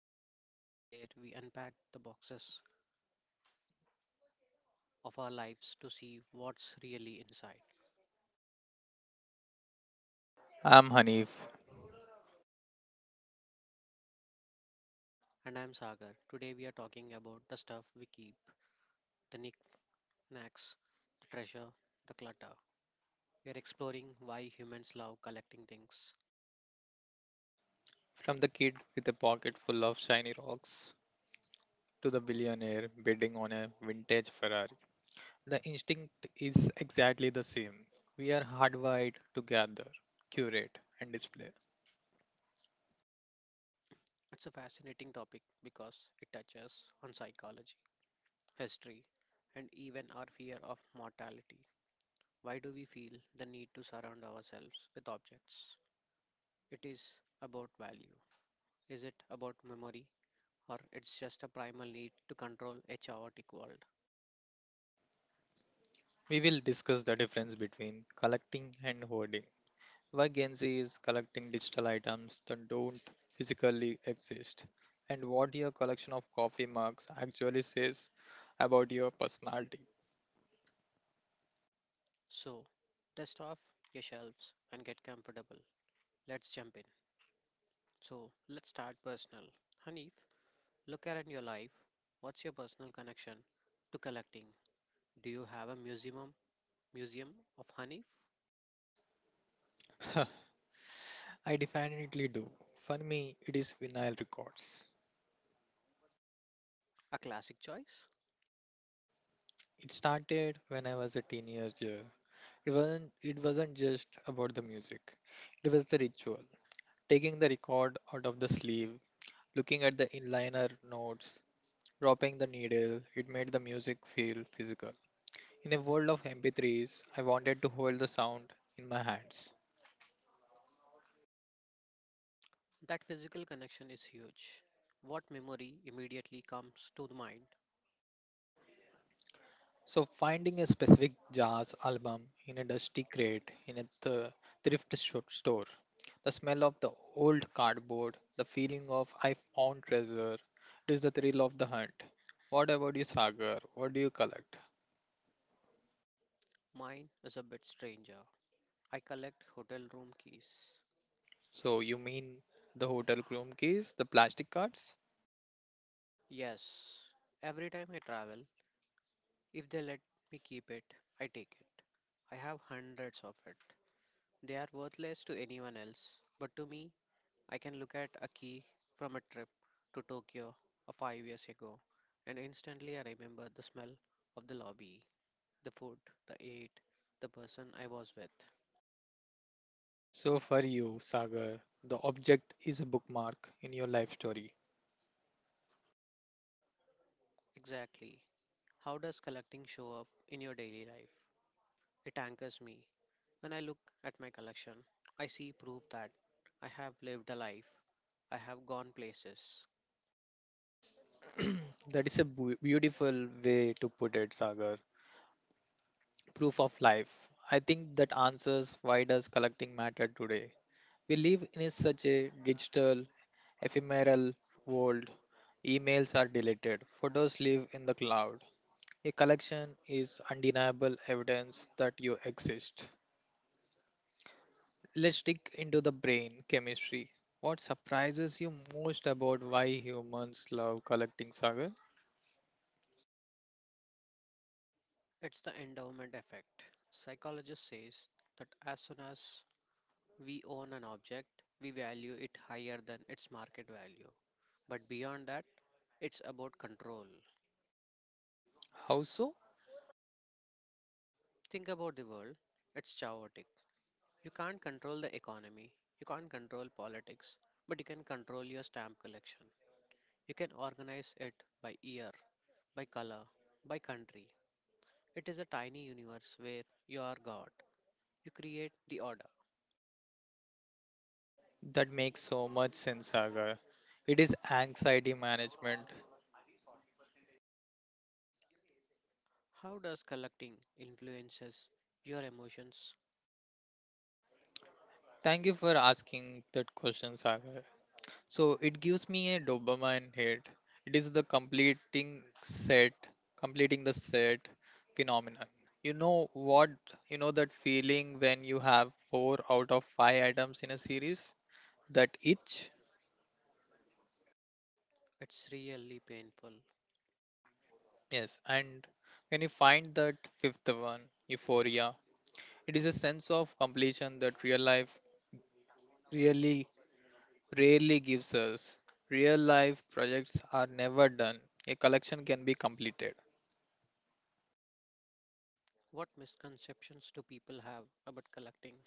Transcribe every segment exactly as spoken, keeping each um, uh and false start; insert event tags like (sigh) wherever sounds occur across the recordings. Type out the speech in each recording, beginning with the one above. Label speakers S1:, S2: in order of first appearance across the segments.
S1: Architect, where we unpack the boxes of our lives to see what's really inside.
S2: I'm Hanif,
S1: And I'm Sagar. Today we are talking about the stuff we keep, the knickknacks, the treasure, the clutter. We are exploring why humans love collecting things.
S2: from the kid with a pocket full of shiny rocks to the billionaire bidding on a vintage Ferrari. The instinct is exactly the same. We are hardwired to gather, curate, and display.
S1: It's a fascinating topic because it touches on psychology, history, and even our fear of mortality. Why do we feel the need to surround ourselves with objects? It is about value. Is it about memory, or it's just a primal need to control a chaotic world?
S2: We will discuss the difference between collecting and hoarding. Why Gen Z is collecting digital items that don't physically exist, and what your collection of coffee mugs actually says about your personality.
S1: So, dust off your shelves and get comfortable. Let's jump in. So, let's start personal. Hanif, look around your life. What's your personal connection to collecting? Do you have a museum, museum of Hanif?
S2: (laughs) I definitely do. For me, it is vinyl records.
S1: A classic choice?
S2: It started when I was a teenager. It wasn't, it wasn't just about the music, it was the ritual. Taking the record out of the sleeve, looking at the inliner notes, dropping the needle, it made the music feel physical. In a world of M P threes, I wanted to hold the sound in my hands.
S1: That physical connection is huge. What memory immediately comes to the mind?
S2: So finding a specific jazz album in a dusty crate in a th- thrift sho- store, the smell of the old cardboard, the feeling of I found treasure, it is the thrill of the hunt. What about you, Sagar? What do you collect?
S1: Mine is a bit stranger. I collect hotel room keys.
S2: So you mean the hotel room keys, the plastic cards?
S1: Yes, every time I travel, if they let me keep it, I take it. I have hundreds of it. They are worthless to anyone else, but to me, I can look at a key from a trip to Tokyo a five years ago, and instantly I remember the smell of the lobby, the food, the eat, the person I was with.
S2: So for you, Sagar, the object is a bookmark in your life story.
S1: Exactly. How does collecting show up in your daily life? It anchors me. When I look at my collection, I see proof that I have lived a life. I have gone places.
S2: That is a bu- beautiful way to put it, Sagar. Proof of life. I think that answers why does collecting matter today. We live in a such a digital, ephemeral world. Emails are deleted, photos live in the cloud. A collection is undeniable evidence that you exist. Let's dig into the brain chemistry. What surprises you most about why humans love collecting, Sagar?
S1: It's the endowment effect. Psychologist says that as soon as we own an object, we value it higher than its market value. But beyond that, it's about control.
S2: How so?
S1: Think about the world. It's chaotic. You can't control the economy. You can't control politics, but you can control your stamp collection. You can organize it by year, by color, by country. It is a tiny universe where you are God. You create the order.
S2: That makes so much sense, Sagar. It is anxiety management.
S1: How does collecting influences your emotions?
S2: Thank you for asking that question, Sagar. So it gives me a dopamine hit. It is the completing set, completing the set phenomenon. You know what? You know that feeling when you have four out of five items in a series? That itch?
S1: It's really painful.
S2: Yes. And when you find that fifth one, euphoria, it is a sense of completion that real life really rarely gives us. Real life projects are never done. A collection can be completed.
S1: What misconceptions do people have about collecting?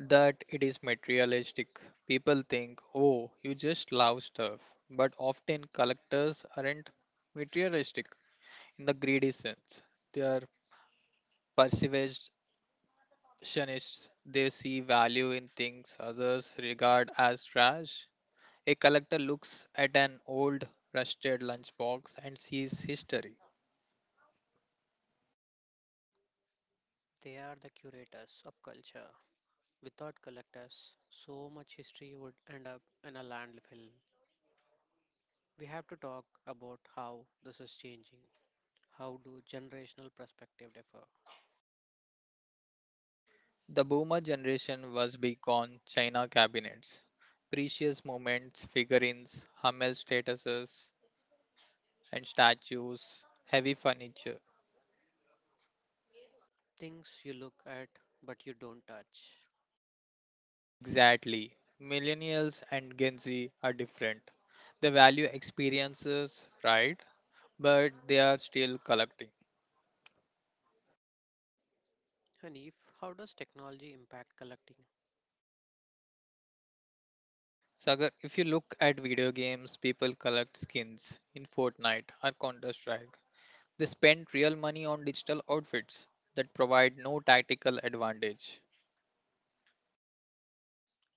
S2: That it is materialistic. People think, oh, you just love stuff. But often collectors aren't materialistic in the greedy sense. They are preservationists. They see value in things others regard as trash. A collector looks at an old rusted lunchbox and sees history.
S1: They are the curators of culture. Without collectors, so much history would end up in a landfill. We have to talk about how this is changing. How do generational perspective differ?
S2: The boomer generation was big on China cabinets, precious moments, figurines, Hummel statuses, and statues, heavy furniture.
S1: Things you look at but you don't touch.
S2: Exactly. Millennials and Gen Z are different. They value experiences, right? But they are still collecting.
S1: Hanif, how does technology impact collecting?
S2: Sagar, if you look at video games, people collect skins in Fortnite or Counter Strike. They spend real money on digital outfits that provide no tactical advantage.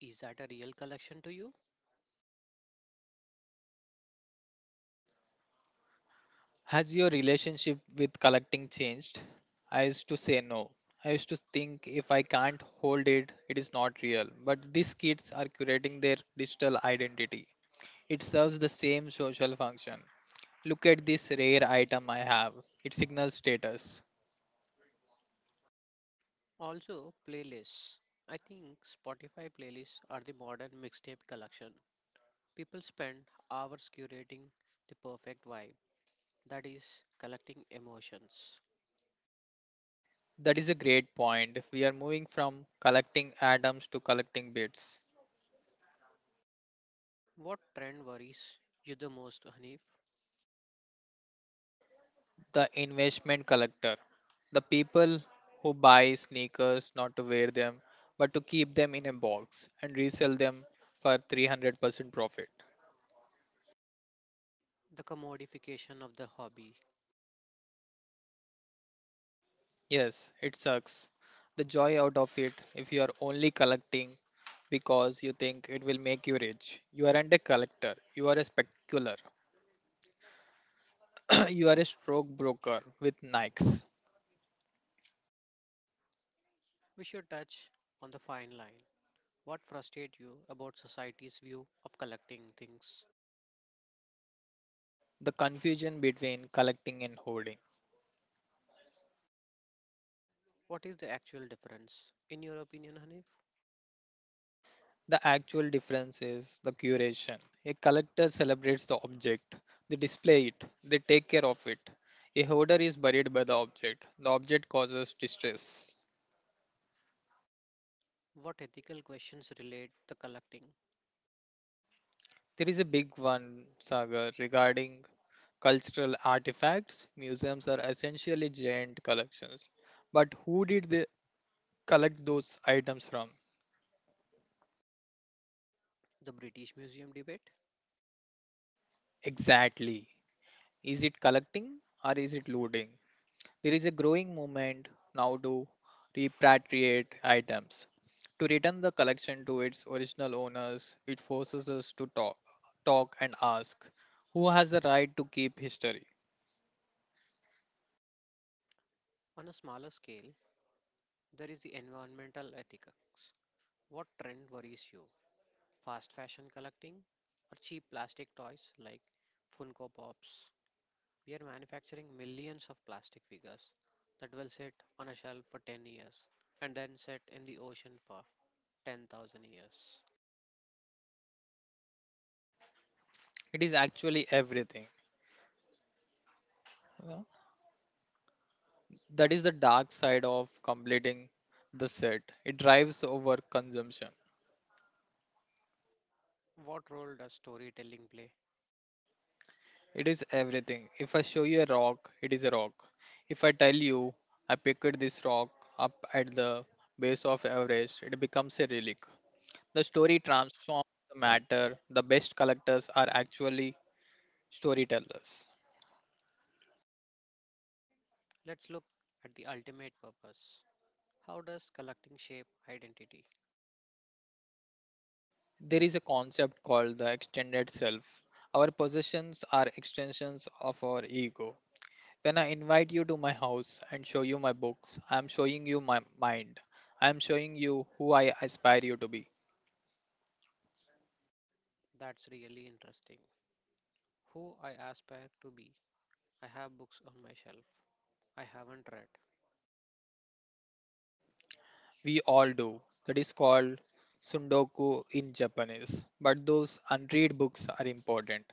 S1: Is that a real collection to you?
S2: Has your relationship with collecting changed? I used to say no. I used to think if I can't hold it, it is not real. But these kids are curating their digital identity. It serves the same social function. Look at this rare item I have. It signals status.
S1: Also, playlists. I think Spotify playlists are the modern mixtape collection. People spend hours curating the perfect vibe, that is, collecting emotions.
S2: That is a great point. We are moving from collecting atoms to collecting bits.
S1: What trend worries you the most, Hanif?
S2: The investment collector, the people who buy sneakers not to wear them but to keep them in a box and resell them for three hundred percent profit.
S1: The commodification of the hobby.
S2: Yes, it sucks. The joy out of it if you are only collecting because you think it will make you rich. You aren't a collector, you are a specular. (clears throat) You are a stroke broker with Nikes.
S1: We should touch on the fine line. What frustrates you about society's view of collecting things?
S2: The confusion between collecting and hoarding.
S1: What is the actual difference? In your opinion, Hanif?
S2: The actual difference is the curation. A collector celebrates the object, they display it, they take care of it. A hoarder is buried by the object. The object causes distress.
S1: What ethical questions relate the collecting?
S2: There is a big one, Sagar, regarding cultural artifacts. Museums are essentially giant collections. But who did they collect those items from?
S1: The British Museum debate?
S2: Exactly. Is it collecting or is it looting? There is a growing movement now to repatriate items. To return the collection to its original owners, it forces us to talk, talk and ask who has the right to keep history.
S1: On a smaller scale, there is the environmental ethics. What trend worries you? Fast fashion collecting or cheap plastic toys like Funko Pops? We are manufacturing millions of plastic figures that will sit on a shelf for ten years and then sit in the ocean for ten thousand years.
S2: It is actually everything. you know. That is the dark side of completing the set. It drives over consumption.
S1: What role does storytelling play?
S2: It is everything. If I show you a rock, it is a rock. If I tell you I picked this rock up at the base of Everest, it becomes a relic. The story transforms the matter. The best collectors are actually storytellers.
S1: Let's look at the ultimate purpose. How does collecting shape identity?
S2: There is a concept called the extended self. Our possessions are extensions of our ego. When I invite you to my house and show you my books, I am showing you my mind. I am showing you who I aspire you to be.
S1: That's really interesting. Who I aspire to be. I have books on my shelf I haven't read.
S2: We all do. That is called Sundoku in Japanese. But those unread books are important.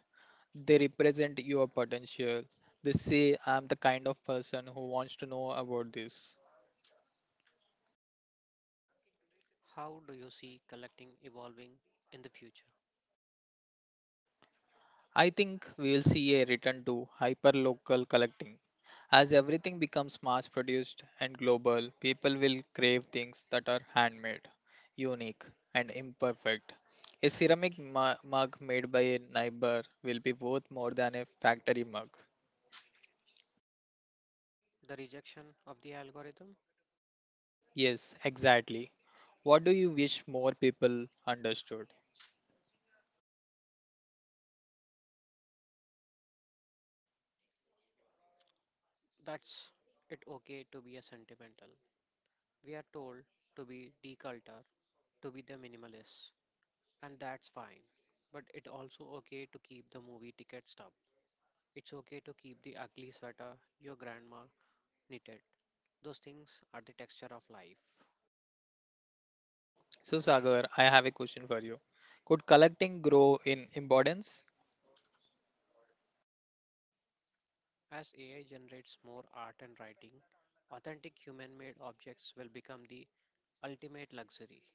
S2: They represent your potential. They say, I'm the kind of person who wants to know about this.
S1: How do you see collecting evolving in the future?
S2: I think we'll see a return to hyperlocal collecting. As everything becomes mass produced and global, people will crave things that are handmade, unique, and imperfect. A ceramic mu- mug made by a neighbor will be worth more than a factory mug.
S1: The rejection of the algorithm?
S2: Yes, exactly. What do you wish more people understood?
S1: That's it okay to be a sentimental. We are told to be deculture, to be the minimalist, and that's fine. But it also okay to keep the movie ticket stub. It's okay to keep the ugly sweater your grandma knitted. Those things are the texture of life.
S2: So, Sagar, I have a question for you. Could collecting grow in importance?
S1: As A I generates more art and writing, authentic human made objects will become the ultimate luxury.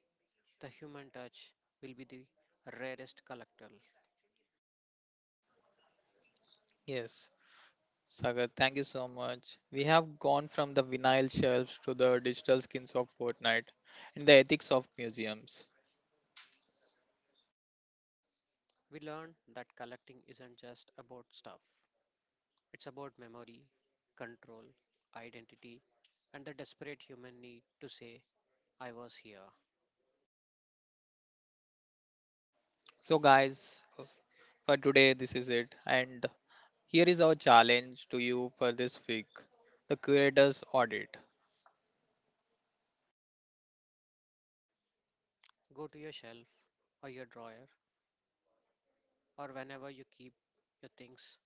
S1: The human touch will be the rarest collectible.
S2: Yes. Sagar, thank you so much. We have gone from the vinyl shelves to the digital skins of Fortnite and the ethics of museums.
S1: We learn that collecting isn't just about stuff, it's about memory, control, identity, and the desperate human need to say, I was here.
S2: So, guys, for today, this is it. And here is our challenge to you for this week, the curator's audit.
S1: Go to your shelf or your drawer or whenever you keep your things,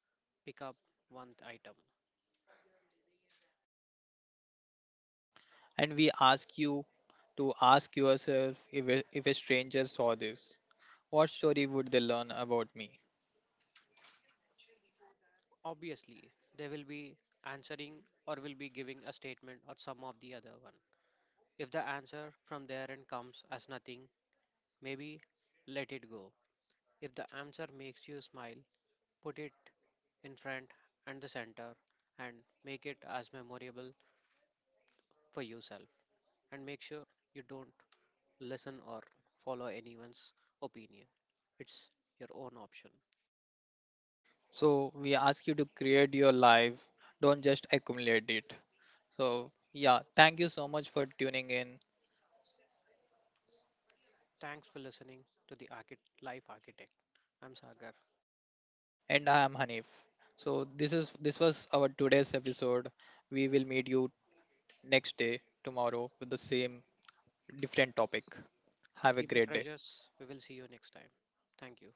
S1: pick up one item.
S2: And we ask you to ask yourself, if a, if a stranger saw this, what story would they learn about me?
S1: Obviously, they will be answering or will be giving a statement or some of the other one. If the answer from their end comes as nothing, maybe let it go. If the answer makes you smile, put it in front and the center and make it as memorable for yourself. And make sure you don't listen or follow anyone's opinion. It's your own option.
S2: So we ask you to create your life, don't just accumulate it. So yeah, thank you so much for tuning in.
S1: Thanks for listening to the Archit- Life Architect. I'm Sagar.
S2: And I am Hanif. So this is this was our today's episode. We will meet you next day tomorrow with the same different topic. Have a
S1: Keep the
S2: great day.
S1: treasures. We will see you next time. Thank you.